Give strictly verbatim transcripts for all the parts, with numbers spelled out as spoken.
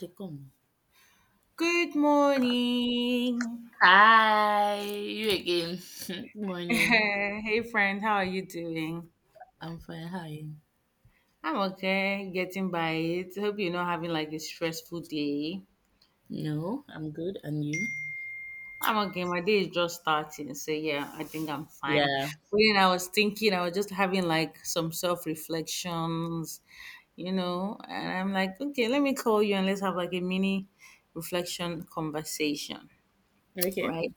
Record. Good morning. Hi, you again. Good morning. Hey friend, how are you doing? I'm fine. How are you? I'm okay, getting by it. Hope you're not having like a stressful day. No, I'm good. And you? I'm okay. My day is just starting, so yeah, I think I'm fine. Yeah. But then I was thinking, I was just having like some self reflections, you know, and I'm like, okay, let me call you and let's have like a mini reflection conversation, Okay. right?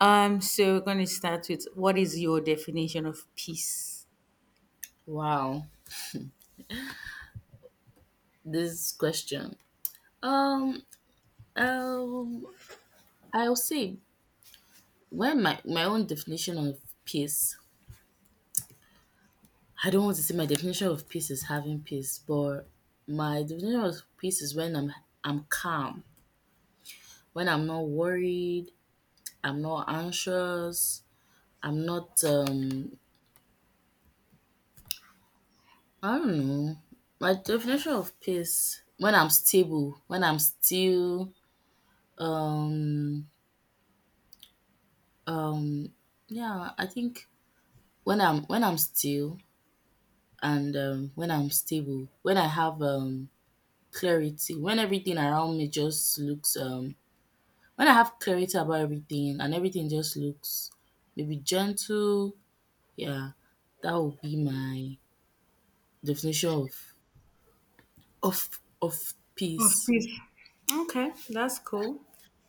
Um, so we're gonna start with: what is your definition of peace? Wow. This question. Um. Um. I'll say when my my own definition of peace. I don't want to say my definition of peace is having peace, but my definition of peace is when I'm I'm calm, when I'm not worried, I'm not anxious, I'm not um I don't know. My definition of peace when I'm stable, when I'm still um um yeah, I think when I'm when I'm still and um when I'm stable, when I have um clarity, when everything around me just looks um when I have clarity about everything and everything just looks maybe gentle, yeah, that would be my definition of of of Of peace. peace. Okay, that's cool.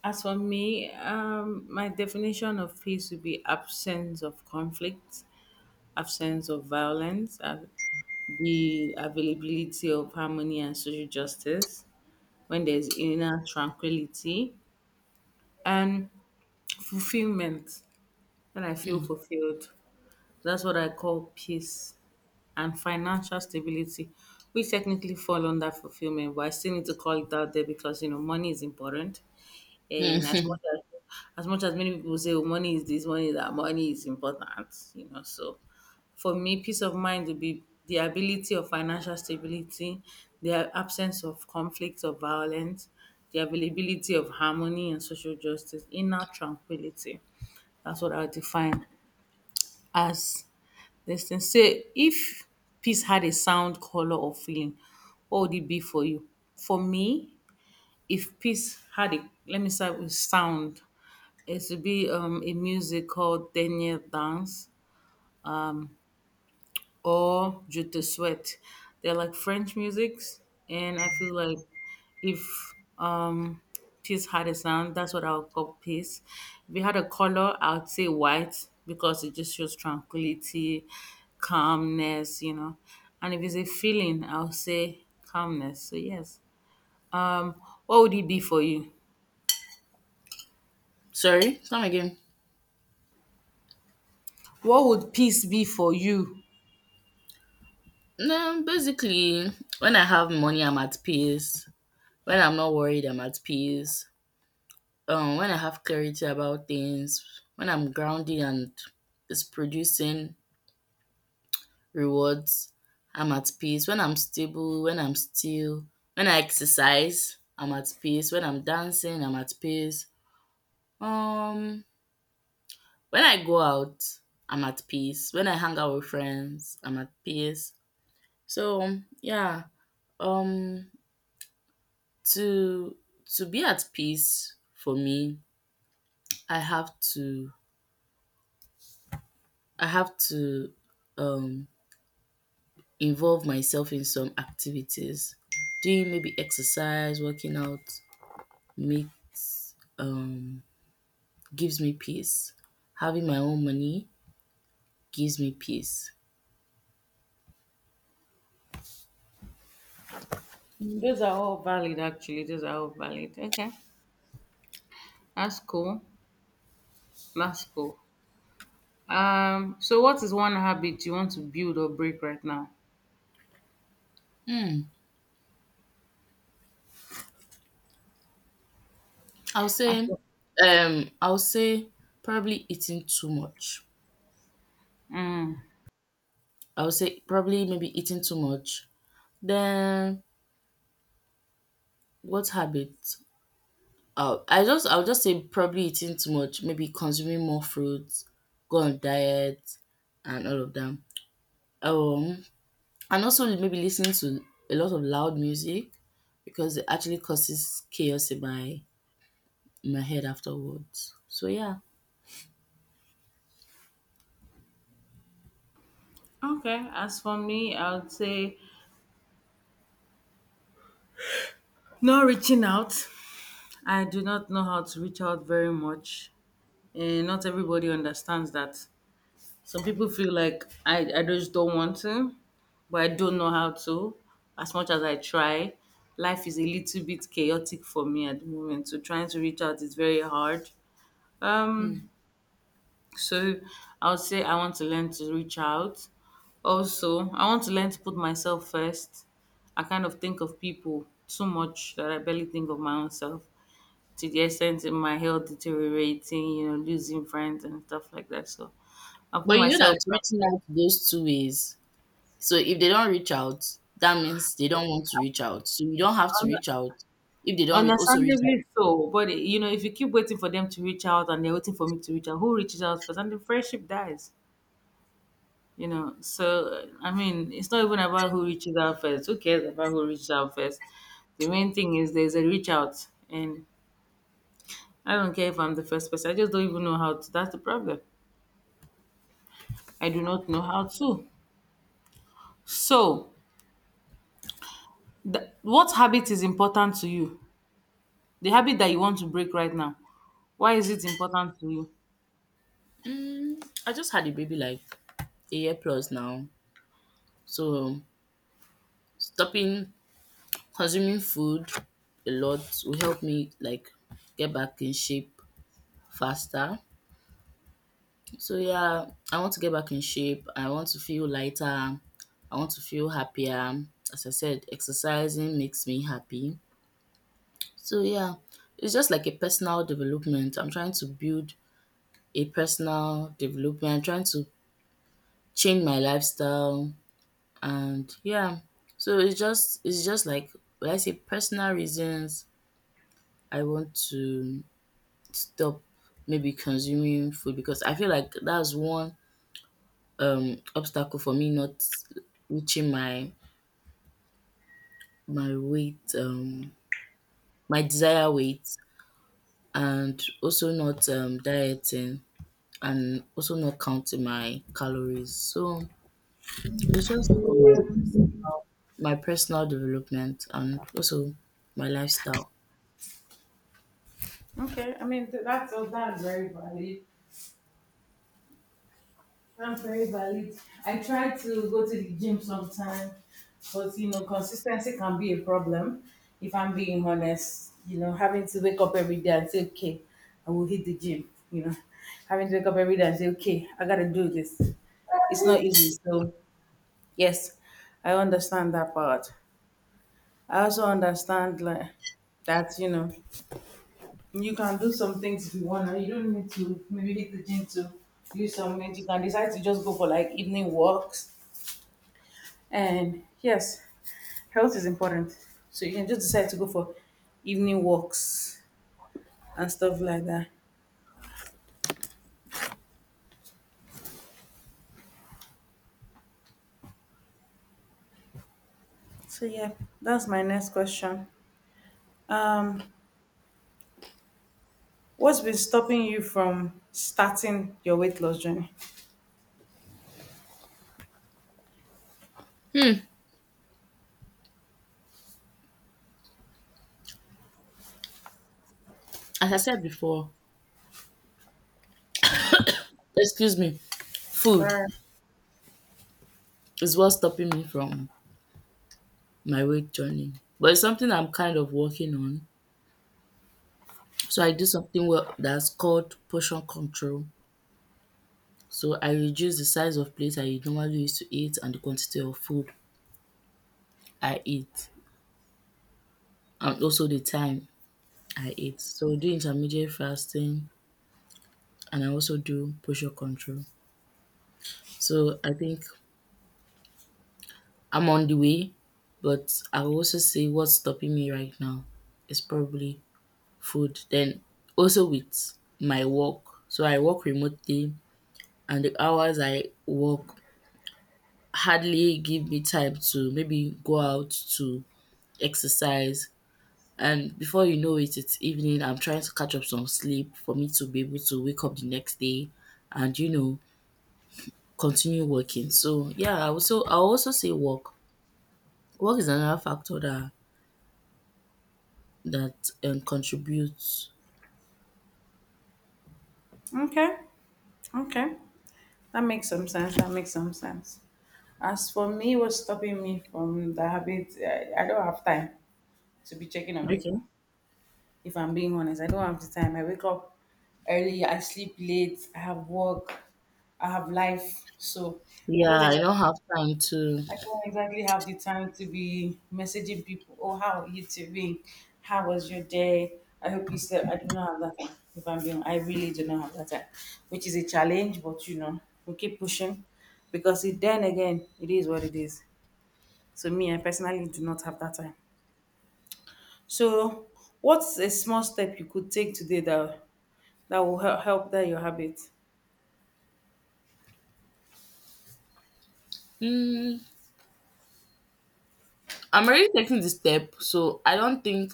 As for me, um, my definition of peace would be absence of conflict, absence of violence, uh, the availability of harmony and social justice, when there's inner tranquility, and fulfillment, when I feel Mm. fulfilled. That's what I call peace and financial stability. We technically fall under fulfillment, but I still need to call it out there because, you know, money is important. Eh, and as much as as much as many people say, oh, money is this, money is that, money is important, you know. So for me, peace of mind would be the ability of financial stability, the absence of conflict or violence, the availability of harmony and social justice, inner tranquility. That's what I define as this thing. Say if peace had a sound, color, or feeling, what would it be for you? For me, if peace had a, let me start with sound. It should be um, a music called Denier Dance or Je te souhaite. They're like French musics, and I feel like if um, peace had a sound, that's what I would call peace. If it had a color, I would say white because it just shows tranquility, calmness, you know. And if it's a feeling, I'll say calmness. So yes. Um, what would it be for you? Sorry, come again. What would peace be for you? No, basically, when I have money, I'm at peace. When I'm not worried, I'm at peace. Um, when I have clarity about things, when I'm grounded and it's producing rewards, I'm at peace. When I'm stable, when I'm still, when I exercise, I'm at peace. When I'm dancing, I'm at peace. Um, when I go out, I'm at peace. When I hang out with friends, I'm at peace. So yeah, um, To to be at peace for me, I have to I have to um involve myself in some activities. Doing maybe exercise, working out makes um gives me peace. Having my own money gives me peace. Those are all valid, actually. Those are all valid. Okay, that's cool. That's cool. Um, so what is one habit you want to build or break right now? I'll As say for, um I'll say probably eating too much. I would say probably maybe eating too much. Then what habit? Uh, I just I would just say probably eating too much, maybe consuming more fruits, go on diet, and all of them. Um, and also maybe listening to a lot of loud music because it actually causes chaos in my in my head afterwards. So yeah. okay, as for me, I would say not reaching out. I do not know how to reach out very much, and not everybody understands that. Some people feel like I, I just don't want to, but I don't know how to. As much as I try, life is a little bit chaotic for me at the moment. So trying to reach out is very hard. Hmm. Um, so I would say I want to learn to reach out. Also, I want to learn to put myself first. I kind of think of people too much that I barely think of my own self to the extent in my health deteriorating, you know, losing friends and stuff like that. So I put But you know myself. that reaching out goes two ways. So if they don't reach out, that means they don't want to reach out. So you don't have to reach out if they don't re- also reach out. Understandably so, but you know, if you keep waiting for them to reach out and they're waiting for me to reach out, who reaches out first? And the friendship dies, you know. So, I mean, it's not even about who reaches out first. Who cares about who reaches out first? The main thing is there's a reach out, and I don't care if I'm the first person. I just don't even know how to. That's the problem. I do not know how to. So, th- what habit is important to you? The habit that you want to break right now. Why is it important to you? Mm, I just had a baby like a year plus now, so stopping consuming food a lot will help me like get back in shape faster. So yeah, I want to get back in shape. I want to feel lighter. I want to feel happier. As I said, exercising makes me happy. So yeah, it's just like a personal development. I'm trying to build a personal development. I'm trying to change my lifestyle and yeah. So it's just it's just like when I say personal reasons I want to stop maybe consuming food because I feel like that's one um obstacle for me not reaching my my weight um my desired weight and also not um dieting and also not counting my calories. So it's just for my my personal development and also my lifestyle. Okay, I mean th- that's, oh, that's very valid. I'm very valid. I try to go to the gym sometime, but you know, consistency can be a problem. If I'm being honest, you know, having to wake up every day and say, okay, I will hit the gym, you know, having to wake up every day and say, okay, I gotta do this. It's not easy. So, yes, I understand that part. I also understand, like, that you know you can do some things if you want to, you don't need to maybe hit the gym to do some things, you can decide to just go for like evening walks. And yes, health is important. So you can just decide to go for evening walks and stuff like that. So yeah, that's my next question. Um, what's been stopping you from starting your weight loss journey? As I said before, excuse me, food Sorry. is what's stopping me from my weight journey. But it's something I'm kind of working on. So I do something well that's called portion control. So I reduce the size of plate I normally used to eat and the quantity of food I eat and also the time I eat. So I do intermediate fasting and I also do portion control. So I think I'm on the way, but I will also say what's stopping me right now is probably food. Then also with my work. So I work remotely and the hours I work hardly give me time to maybe go out to exercise. And before you know it, it's evening. I'm trying to catch up some sleep for me to be able to wake up the next day and, you know, continue working. So, yeah, I also, I also say work. Work is another factor that, that um, contributes. Okay. Okay. That makes some sense. That makes some sense. As for me, what's stopping me from the habit, I, I don't have time to be checking on Okay. people, if I'm being honest. I don't have the time. I wake up early, I sleep late, I have work, I have life. So I Yeah, don't I exactly don't have time to. I don't exactly have the time to be messaging people. Oh, how are you doing? How was your day? I hope you slept. I do not have that time. If I'm being, I really do not have that time, which is a challenge. But you know, we keep pushing because it, then again, it is what it is. So me, I personally do not have that time. So, what's a small step you could take today that that will help help that your habit. Mm, I'm already taking the step, so I don't think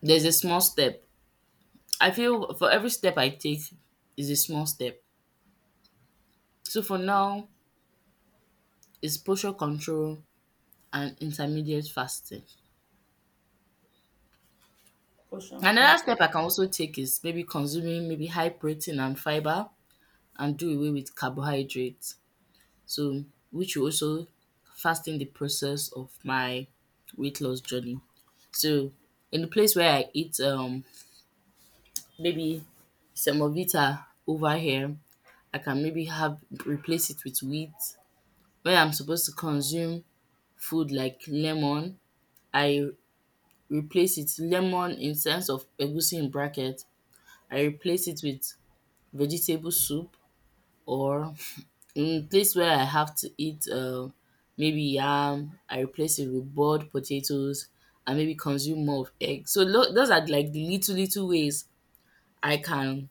there's a small step. I feel for every step I take is a small step. So for now, is posture control and intermediate fasting. Portion Another control. step I can also take is maybe consuming maybe high protein and fiber and do away with carbohydrates. So which will also fasten the process of my weight loss journey. So in the place where I eat um maybe semovita over here, I can maybe have replace it with wheat. When I'm supposed to consume food like lemon, I replace it lemon instead of egusi in bracket I replace it with vegetable soup or in place where I have to eat um maybe yam I replace it with boiled potatoes and maybe consume more of egg. So tho- those are like the little little ways I can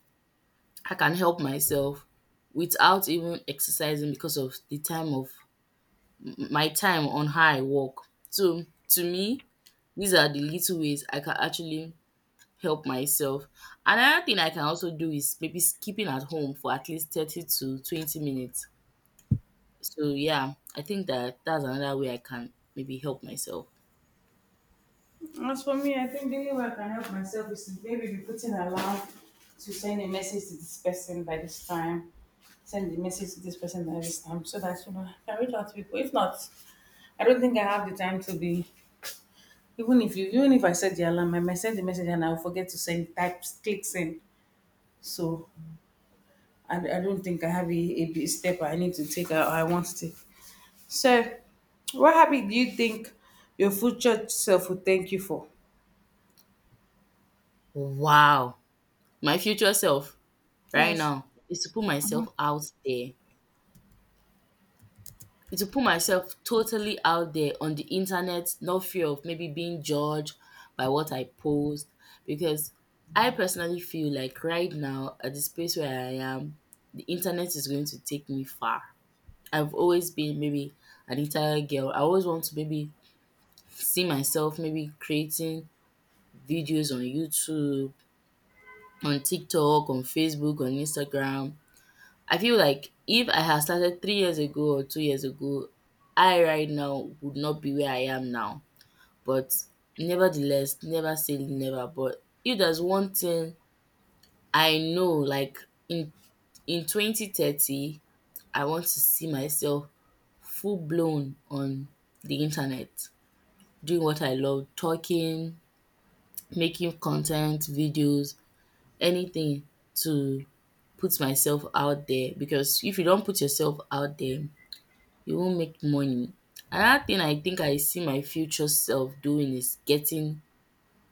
I can help myself without even exercising because of the time of my time on how I work. So to me these are the little ways I can actually help myself. Another thing I can also do is maybe skipping at home for at least thirty to twenty minutes. So yeah, I think that that's another way I can maybe help myself. As for me, I think the only way I can help myself is maybe be putting alarm to send a message to this person by this time. Send the message to this person by this time so that you know I can reach out to people. If not, I don't think I have the time to be, even if you, even if I set the alarm, I might send the message and I'll forget to send, type, click send. So I, I don't think I have a, a big step I need to take, I, I want to take. So, what habit do you think your future self would thank you for? Wow. My future self right Yes. now is to put myself out there. Is to put myself totally out there on the internet, no fear of maybe being judged by what I post. Because I personally feel like right now, at the space where I am, the internet is going to take me far. I've always been maybe an entire girl. I always want to maybe see myself maybe creating videos on YouTube, on TikTok, on Facebook, on Instagram. I feel like if I had started three years ago or two years ago, I right now would not be where I am now. But nevertheless, never say never. But if there's one thing I know, like in in twenty thirty, I want to see myself full blown on the internet, doing what I love, talking, making content, videos, anything to put myself out there because if you don't put yourself out there, you won't make money. Another thing I think I see my future self doing is getting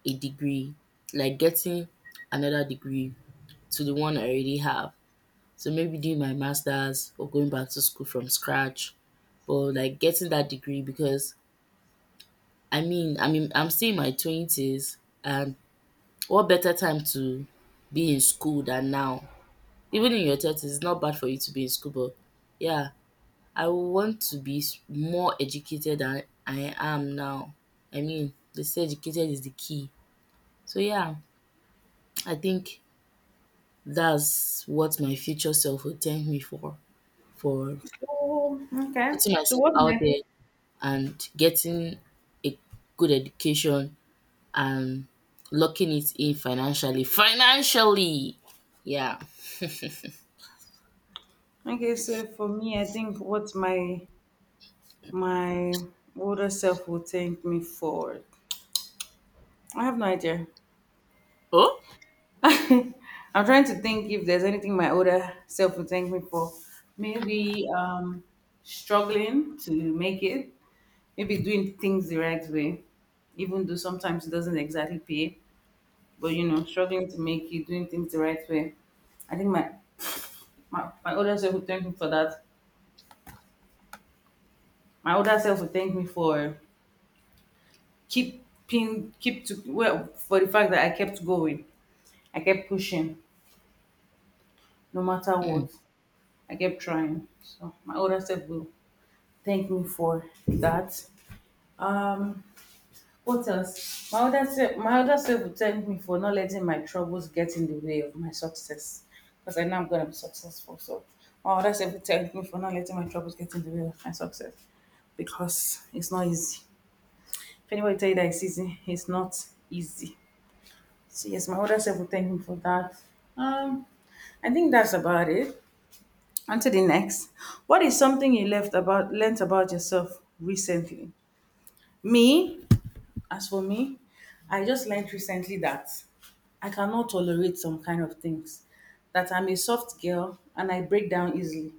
a degree, like getting another degree to the one I already have. So maybe doing my masters or going back to school from scratch, but like getting that degree because I mean, I mean, I'm still in my twenties and what better time to be in school than now? Even in your thirties, it's not bad for you to be in school, but yeah, I want to be s- more educated than I am now. I mean, they say educated is the key. So yeah, I think that's what my future self will thank me for for So, okay. putting So myself what out my, there and getting a good education and locking it in financially. Financially, yeah. okay, so for me I think what my my older self would thank me for. I have no idea. Oh. I'm trying to think if there's anything my older self would thank me for. Maybe um struggling to make it, maybe doing things the right way, even though sometimes it doesn't exactly pay, but you know, struggling to make it, doing things the right way. I think my my, my older self would thank me for that. My older self would thank me for keeping, keep to, well, for the fact that I kept going. I kept pushing no matter what. Hmm. I kept trying. So my older self will thank me for that. Um, what else? My older self, my older self would thank me for not letting my troubles get in the way of my success, because I know I'm gonna be successful. So my older self would thank me for not letting my troubles get in the way of my success, because it's not easy. If anybody tell you that it's easy, it's not easy. So yes, my older self would thank me for that. Um, I think that's about it. On to the next. What is something you left about learnt about yourself recently? Me, as for me, I just learned recently that I cannot tolerate some kind of things. That I'm a soft girl and I break down easily.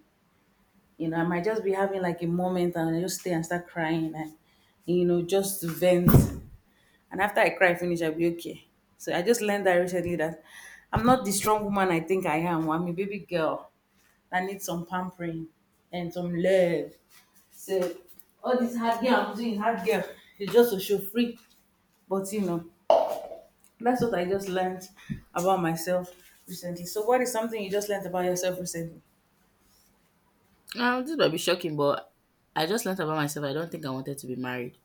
You know, I might just be having like a moment and I just stay and start crying and, you know, just vent. And after I cry finish, I'll be okay. So I just learned that recently that I'm not the strong woman I think I am. I'm a baby girl that needs some pampering and some love. So all this hard girl I'm doing, hard girl, is just to show free. But you know, that's what I just learned about myself recently. So, what is something you just learned about yourself recently? Um, this might be shocking, but I just learned about myself. I don't think I wanted to be married.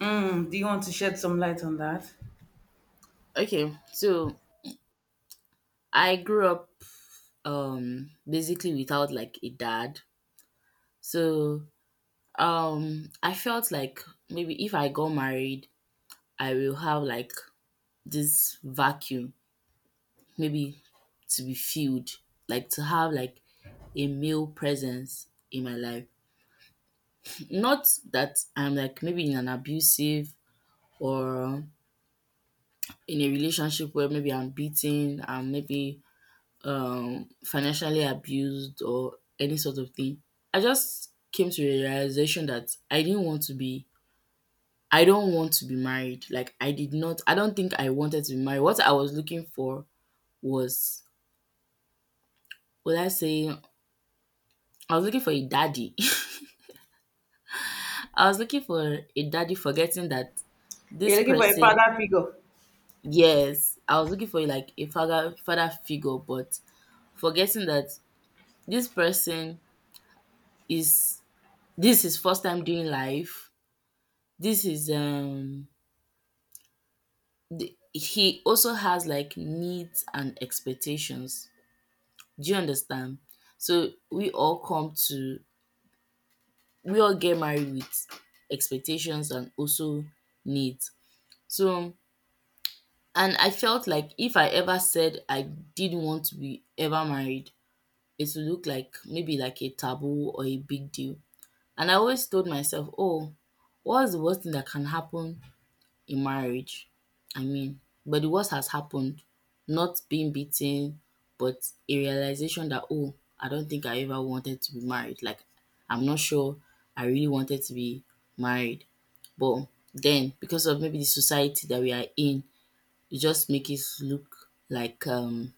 Mm, do you want to shed some light on that? Okay, so I grew up um basically without like a dad. So um I felt like maybe if I got married, I will have like this vacuum maybe to be filled, like to have like a male presence in my life. Not that I'm like maybe in an abusive or in a relationship where maybe I'm beaten and maybe um, financially abused or any sort of thing. I just came to a realization that I didn't want to be, I don't want to be married. Like, I did not, I don't think I wanted to be married. What I was looking for was, would I say, I was looking for a daddy. I was looking for a daddy, forgetting that You're this looking for a person, father figure. yes, I was looking for like a father, father figure, but forgetting that this person is, this is first time doing life. This is um the, he also has like needs and expectations. Do you understand? So we all come to we all get married with expectations and also needs. So and I felt like if I ever said I didn't want to be ever married, it would look like maybe like a taboo or a big deal. And I always told myself, oh, what's the worst thing that can happen in marriage. I mean, but the worst has happened. Not being beaten, but a realization that, oh, I don't think I ever wanted to be married. Like, I'm not sure I really wanted to be married. But then, because of maybe the society that we are in, it just makes it look like um,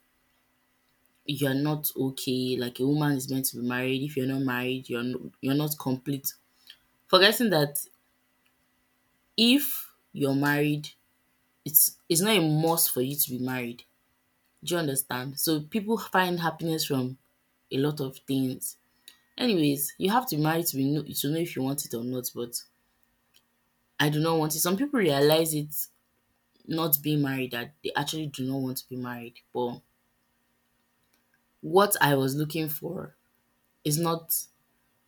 you're not okay. Like a woman is meant to be married. If you're not married, you're no, you're not complete. Forgetting that if you're married, it's it's not a must for you to be married. Do you understand? So people find happiness from a lot of things. Anyways, you have to be married to be know to know if you want it or not, but I do not want it. Some people realize it not being married that they actually do not want to be married. But what I was looking for is not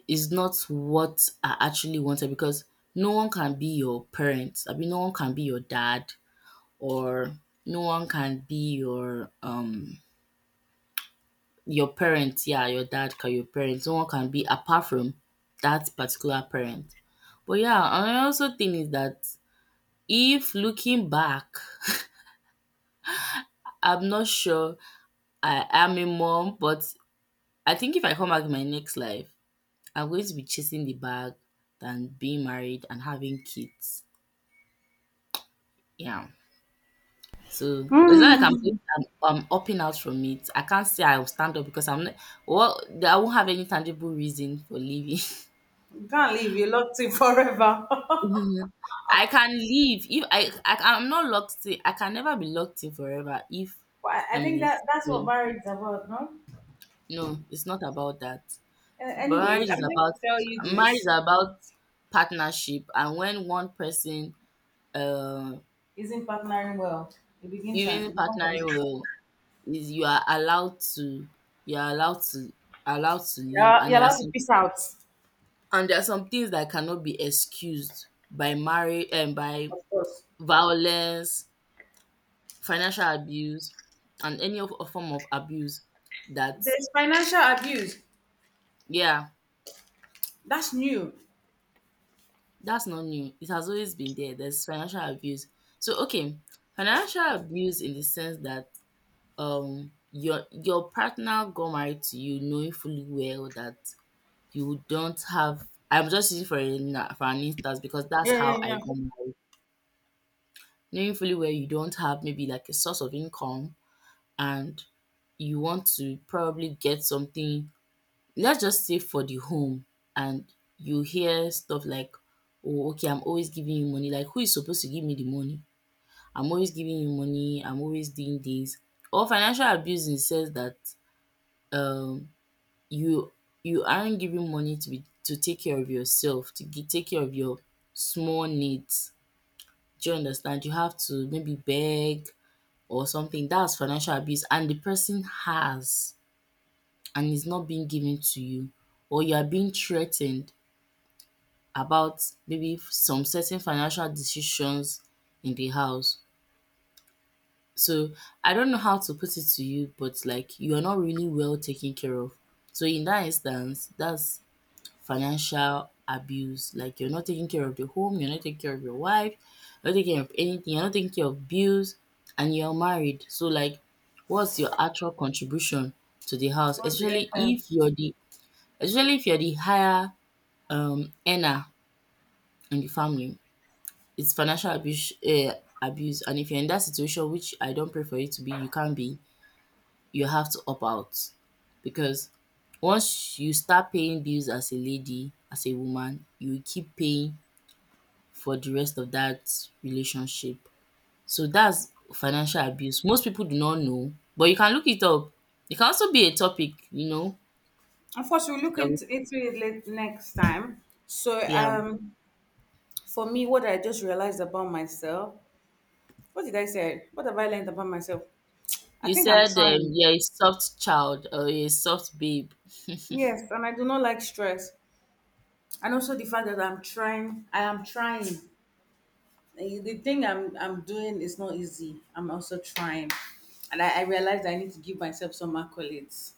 is not what I actually wanted because no one can be your parents. I mean no one can be your dad or no one can be your um your parents, yeah, your dad can your parents. No one can be apart from that particular parent. But yeah, I also think is that if looking back, I'm not sure I am a mom, but I think if I come back in my next life, I'm going to be chasing the bag than being married and having kids. Yeah. So it's not like I'm Mm, I'm, I'm upping out from it. I can't say I'll stand up because I'm not, well, I won't have any tangible reason for leaving. you can't leave. You're locked in forever. Mhm. I can leave if I, I I'm not locked in. I can never be locked in forever if Well, I I I'm in think a that that's what space. marriage is about, no? No, it's not about that. Uh, But anyways, marriage is I'm going about to tell you marriage this: is about partnership, and when one person, uh, isn't partnering well? It begins and it even becomes an partnering issue. will, is you are allowed to you are allowed to allowed to leave, You're, and you're there are allowed to some peace out, and there are some things that cannot be excused by marriage and by of course. violence, financial abuse, and any of of form of abuse that There's financial abuse. yeah, That's new. that's not new. It has always been there. There's financial abuse. So okay, financial abuse in the sense that um your your partner got married to you knowing fully well that you don't have — I'm just using for, a, for an instance because that's Yeah, yeah, how I yeah. got married — knowing fully well you don't have maybe like a source of income, and you want to probably get something. Let's just say for the home, and you hear stuff like, "Oh, okay, I'm always giving you money." Like, who is supposed to give me the money? I'm always giving you money. I'm always doing this. Or financial abuse in says that um, you you aren't giving money to be to take care of yourself, to gi- take care of your small needs. Do you understand? You have to maybe beg or something. That's financial abuse, and the person has and is not being given to you, or you are being threatened about maybe some certain financial decisions in the house. So I don't know how to put it to you, but like you are not really well taken care of. So in that instance, that's financial abuse. Like you're not taking care of the home, you're not taking care of your wife, you're not taking care of anything, you're not taking care of bills, and you're married. So like what's your actual contribution to the house? What's the Especially F M? if you're the especially if you're the higher um earner in the family. It's financial abuse eh, abuse and if you're in that situation, which I don't pray for you to be, you can't be, you have to opt out because once you start paying bills as a lady, as a woman, you will keep paying for the rest of that relationship. So that's financial abuse. Most people do not know, but you can look it up. It can also be a topic, you know. Of course, we'll look that we- into, into it late next time. So, Yeah. um, for me, what I just realized about myself, what did I say? What have I learned about myself? I You think I'm said um, trying. you're a soft child or a soft babe. Yes, and I do not like stress. And also the fact that I'm trying, I am trying. Eh, the thing I'm I'm doing is not easy. I'm also trying, and I, I realized I need to give myself some accolades.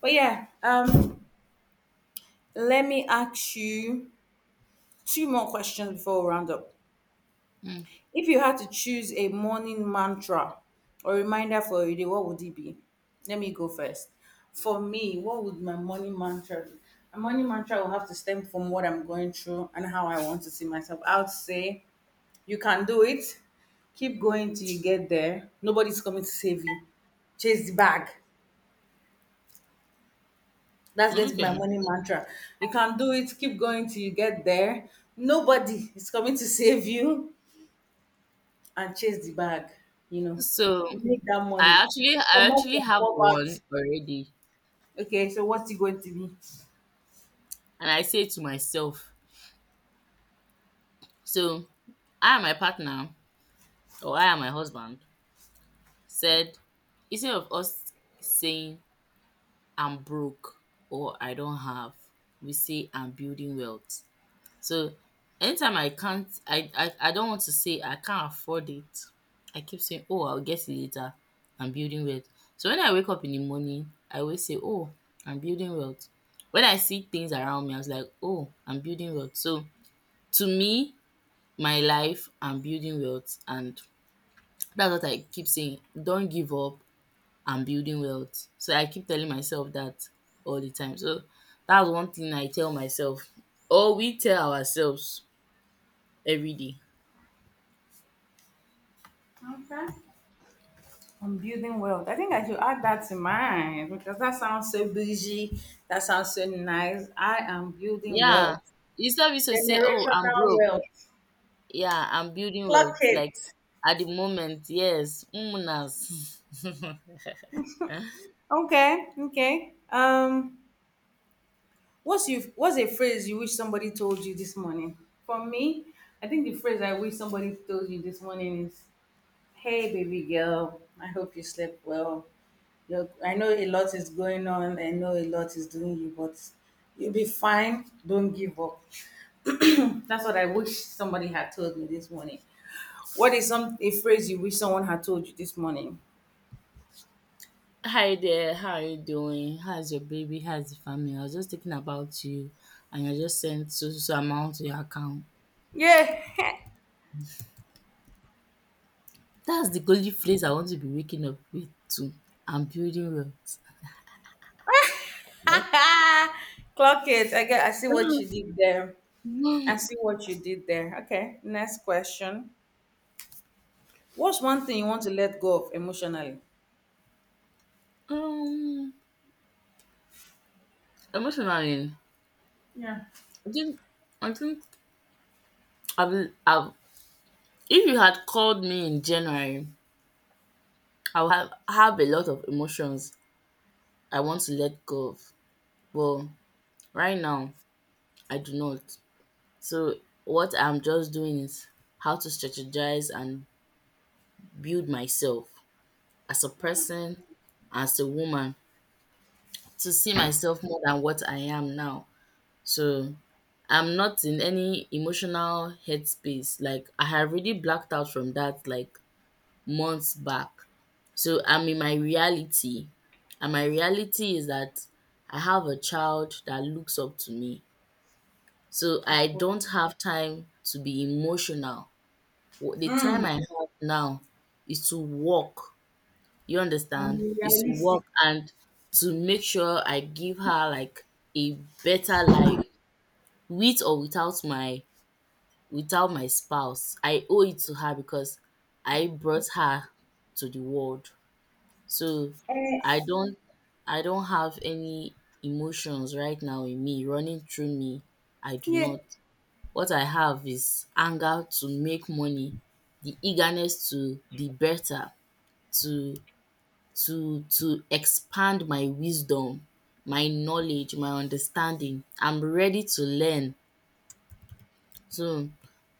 But yeah, um, let me ask you two more questions before we round up. Mm. If you had to choose a morning mantra or reminder for your day, what would it be? Let me go first. For me, what would my morning mantra be? My morning mantra will have to stem from what I'm going through and how I want to see myself. I would say, you can do it. Keep going till you get there. Nobody's coming to save you. Chase the bag. That's going to be my Okay. morning mantra. You can do it. Keep going till you get there. Nobody is coming to save you, and chase the bag, you know, So make that money, I actually I come up actually from have poverty. one already, Okay, so what's it going to be? and I say to myself, so I and my partner or I and my husband said, instead of us saying I'm broke or I don't have, we say I'm building wealth. So anytime I can't I I I don't want to say I can't afford it, I keep saying, "Oh, I'll get it later. I'm building wealth." So when I wake up in the morning, I always say, "Oh, I'm building wealth." When I see things around me, I was like, "Oh, I'm building wealth." So to me, my life, I'm building wealth, and that's what I keep saying. Don't give up. I'm building wealth. So I keep telling myself that all the time. So that's one thing I tell myself, or we tell ourselves every day. Okay. I'm building wealth. I think I should add that to mine because that sounds so bougie. That sounds so nice. I am building Yeah, wealth. it's not used to say, "Oh, I'm Generational broke." wealth. Yeah, I'm building Clock wealth. Like it. at the moment, yes, umunas. Okay, okay. Um, what's you? What's a phrase you wish somebody told you this morning? For me, I think the phrase I wish somebody told you this morning is, hey, baby girl. I hope you slept well. Look, I know a lot is going on. I know a lot is doing you, but you'll be fine. Don't give up. That's what I wish somebody had told me this morning. What is some a phrase you wish someone had told you this morning? Hi there, how are you doing? How's your baby? How's the family? I was just thinking about you, and I just sent so so so amount to your account. Yeah, That's the only phrase I want to be waking up with too. I'm building wealth. clock it. I get. I see what you did there. I um, see what you did there. Okay. Next question. What's one thing you want to let go of emotionally? um, Emotionally, Yeah, I think I think I've I've if you had called me in January, I would have, have a lot of emotions I want to let go of. But right now, I do not. So what I'm just doing is how to strategize and build myself as a person, as a woman, to see myself more than what I am now. So I'm not in any emotional headspace. Like, I have really blacked out from that. Like, months back. So I'm in my reality, and my reality is that I have a child that looks up to me. So I of course. don't have time to be emotional. Wh- The time Mm, I have now is to work. You I'm understand? Is to realistic. work and to make sure I give her like a better life with or without my without my spouse. I owe it to her because I brought her to the world. So I Eh, don't I don't have any emotions right now in me running through me. I do yeah. not. What I have is anger to make money, the eagerness to be better, to to to expand my wisdom, my knowledge, my understanding. I'm ready to learn. So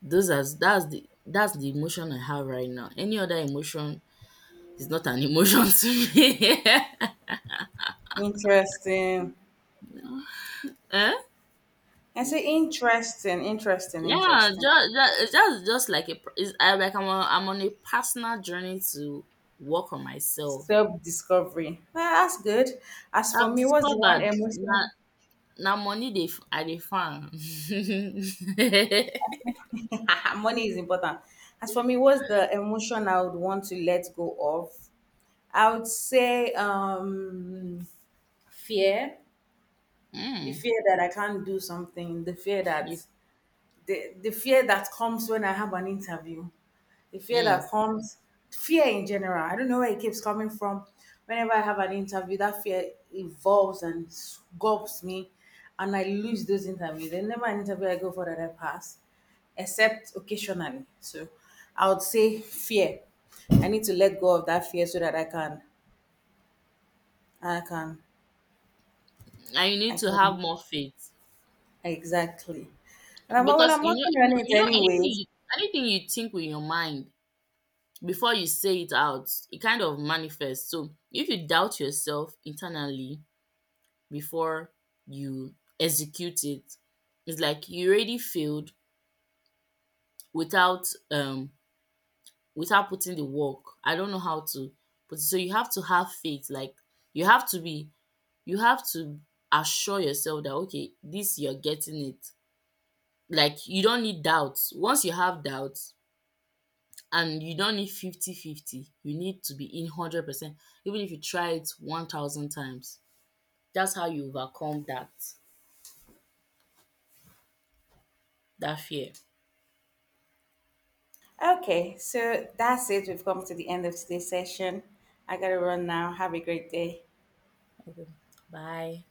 those are that's the that's the emotion I have right now. Any other emotion is not an emotion to me. Interesting. Eh? I say interesting, interesting, Yeah, interesting. just, just just just like a pr- it's, I, like, I'm on, I'm on a personal journey to work on myself. Self discovery. Well, that's good. As for I've me, what's the one discovered na emotion? na money they I dey farm. mm, Money is important. As for me, what's the emotion I would want to let go of? I would say um, fear. The fear that I can't do something. The fear that you the, the fear that comes when I have an interview. The fear that mm. comes, fear in general, I don't know where it keeps coming from. Whenever I have an interview, that fear evolves and gobs me, and I lose those interviews. There's never an interview I go for that I pass, except occasionally. So I would say fear. I need to let go of that fear so that i can i can And you i need to have can more faith exactly, and I'm, well, because I'm you know working you know on it you know anything anyways. you, anything you think with your mind before you say it out, it kind of manifests. So if you doubt yourself internally, before you execute it. It's like you already failed without um without putting the work. I don't know how to put it. So you have to have faith. Like you have to be you have to assure yourself that, okay, this, you're getting it. Like you don't need doubts. Once you have doubts, and you don't need fifty fifty, you need to be in one hundred percent, even if you try it one thousand times. That's how you overcome that that fear. Okay, so that's it. We've come to the end of today's session. I gotta run now. Have a great day. Okay. Bye.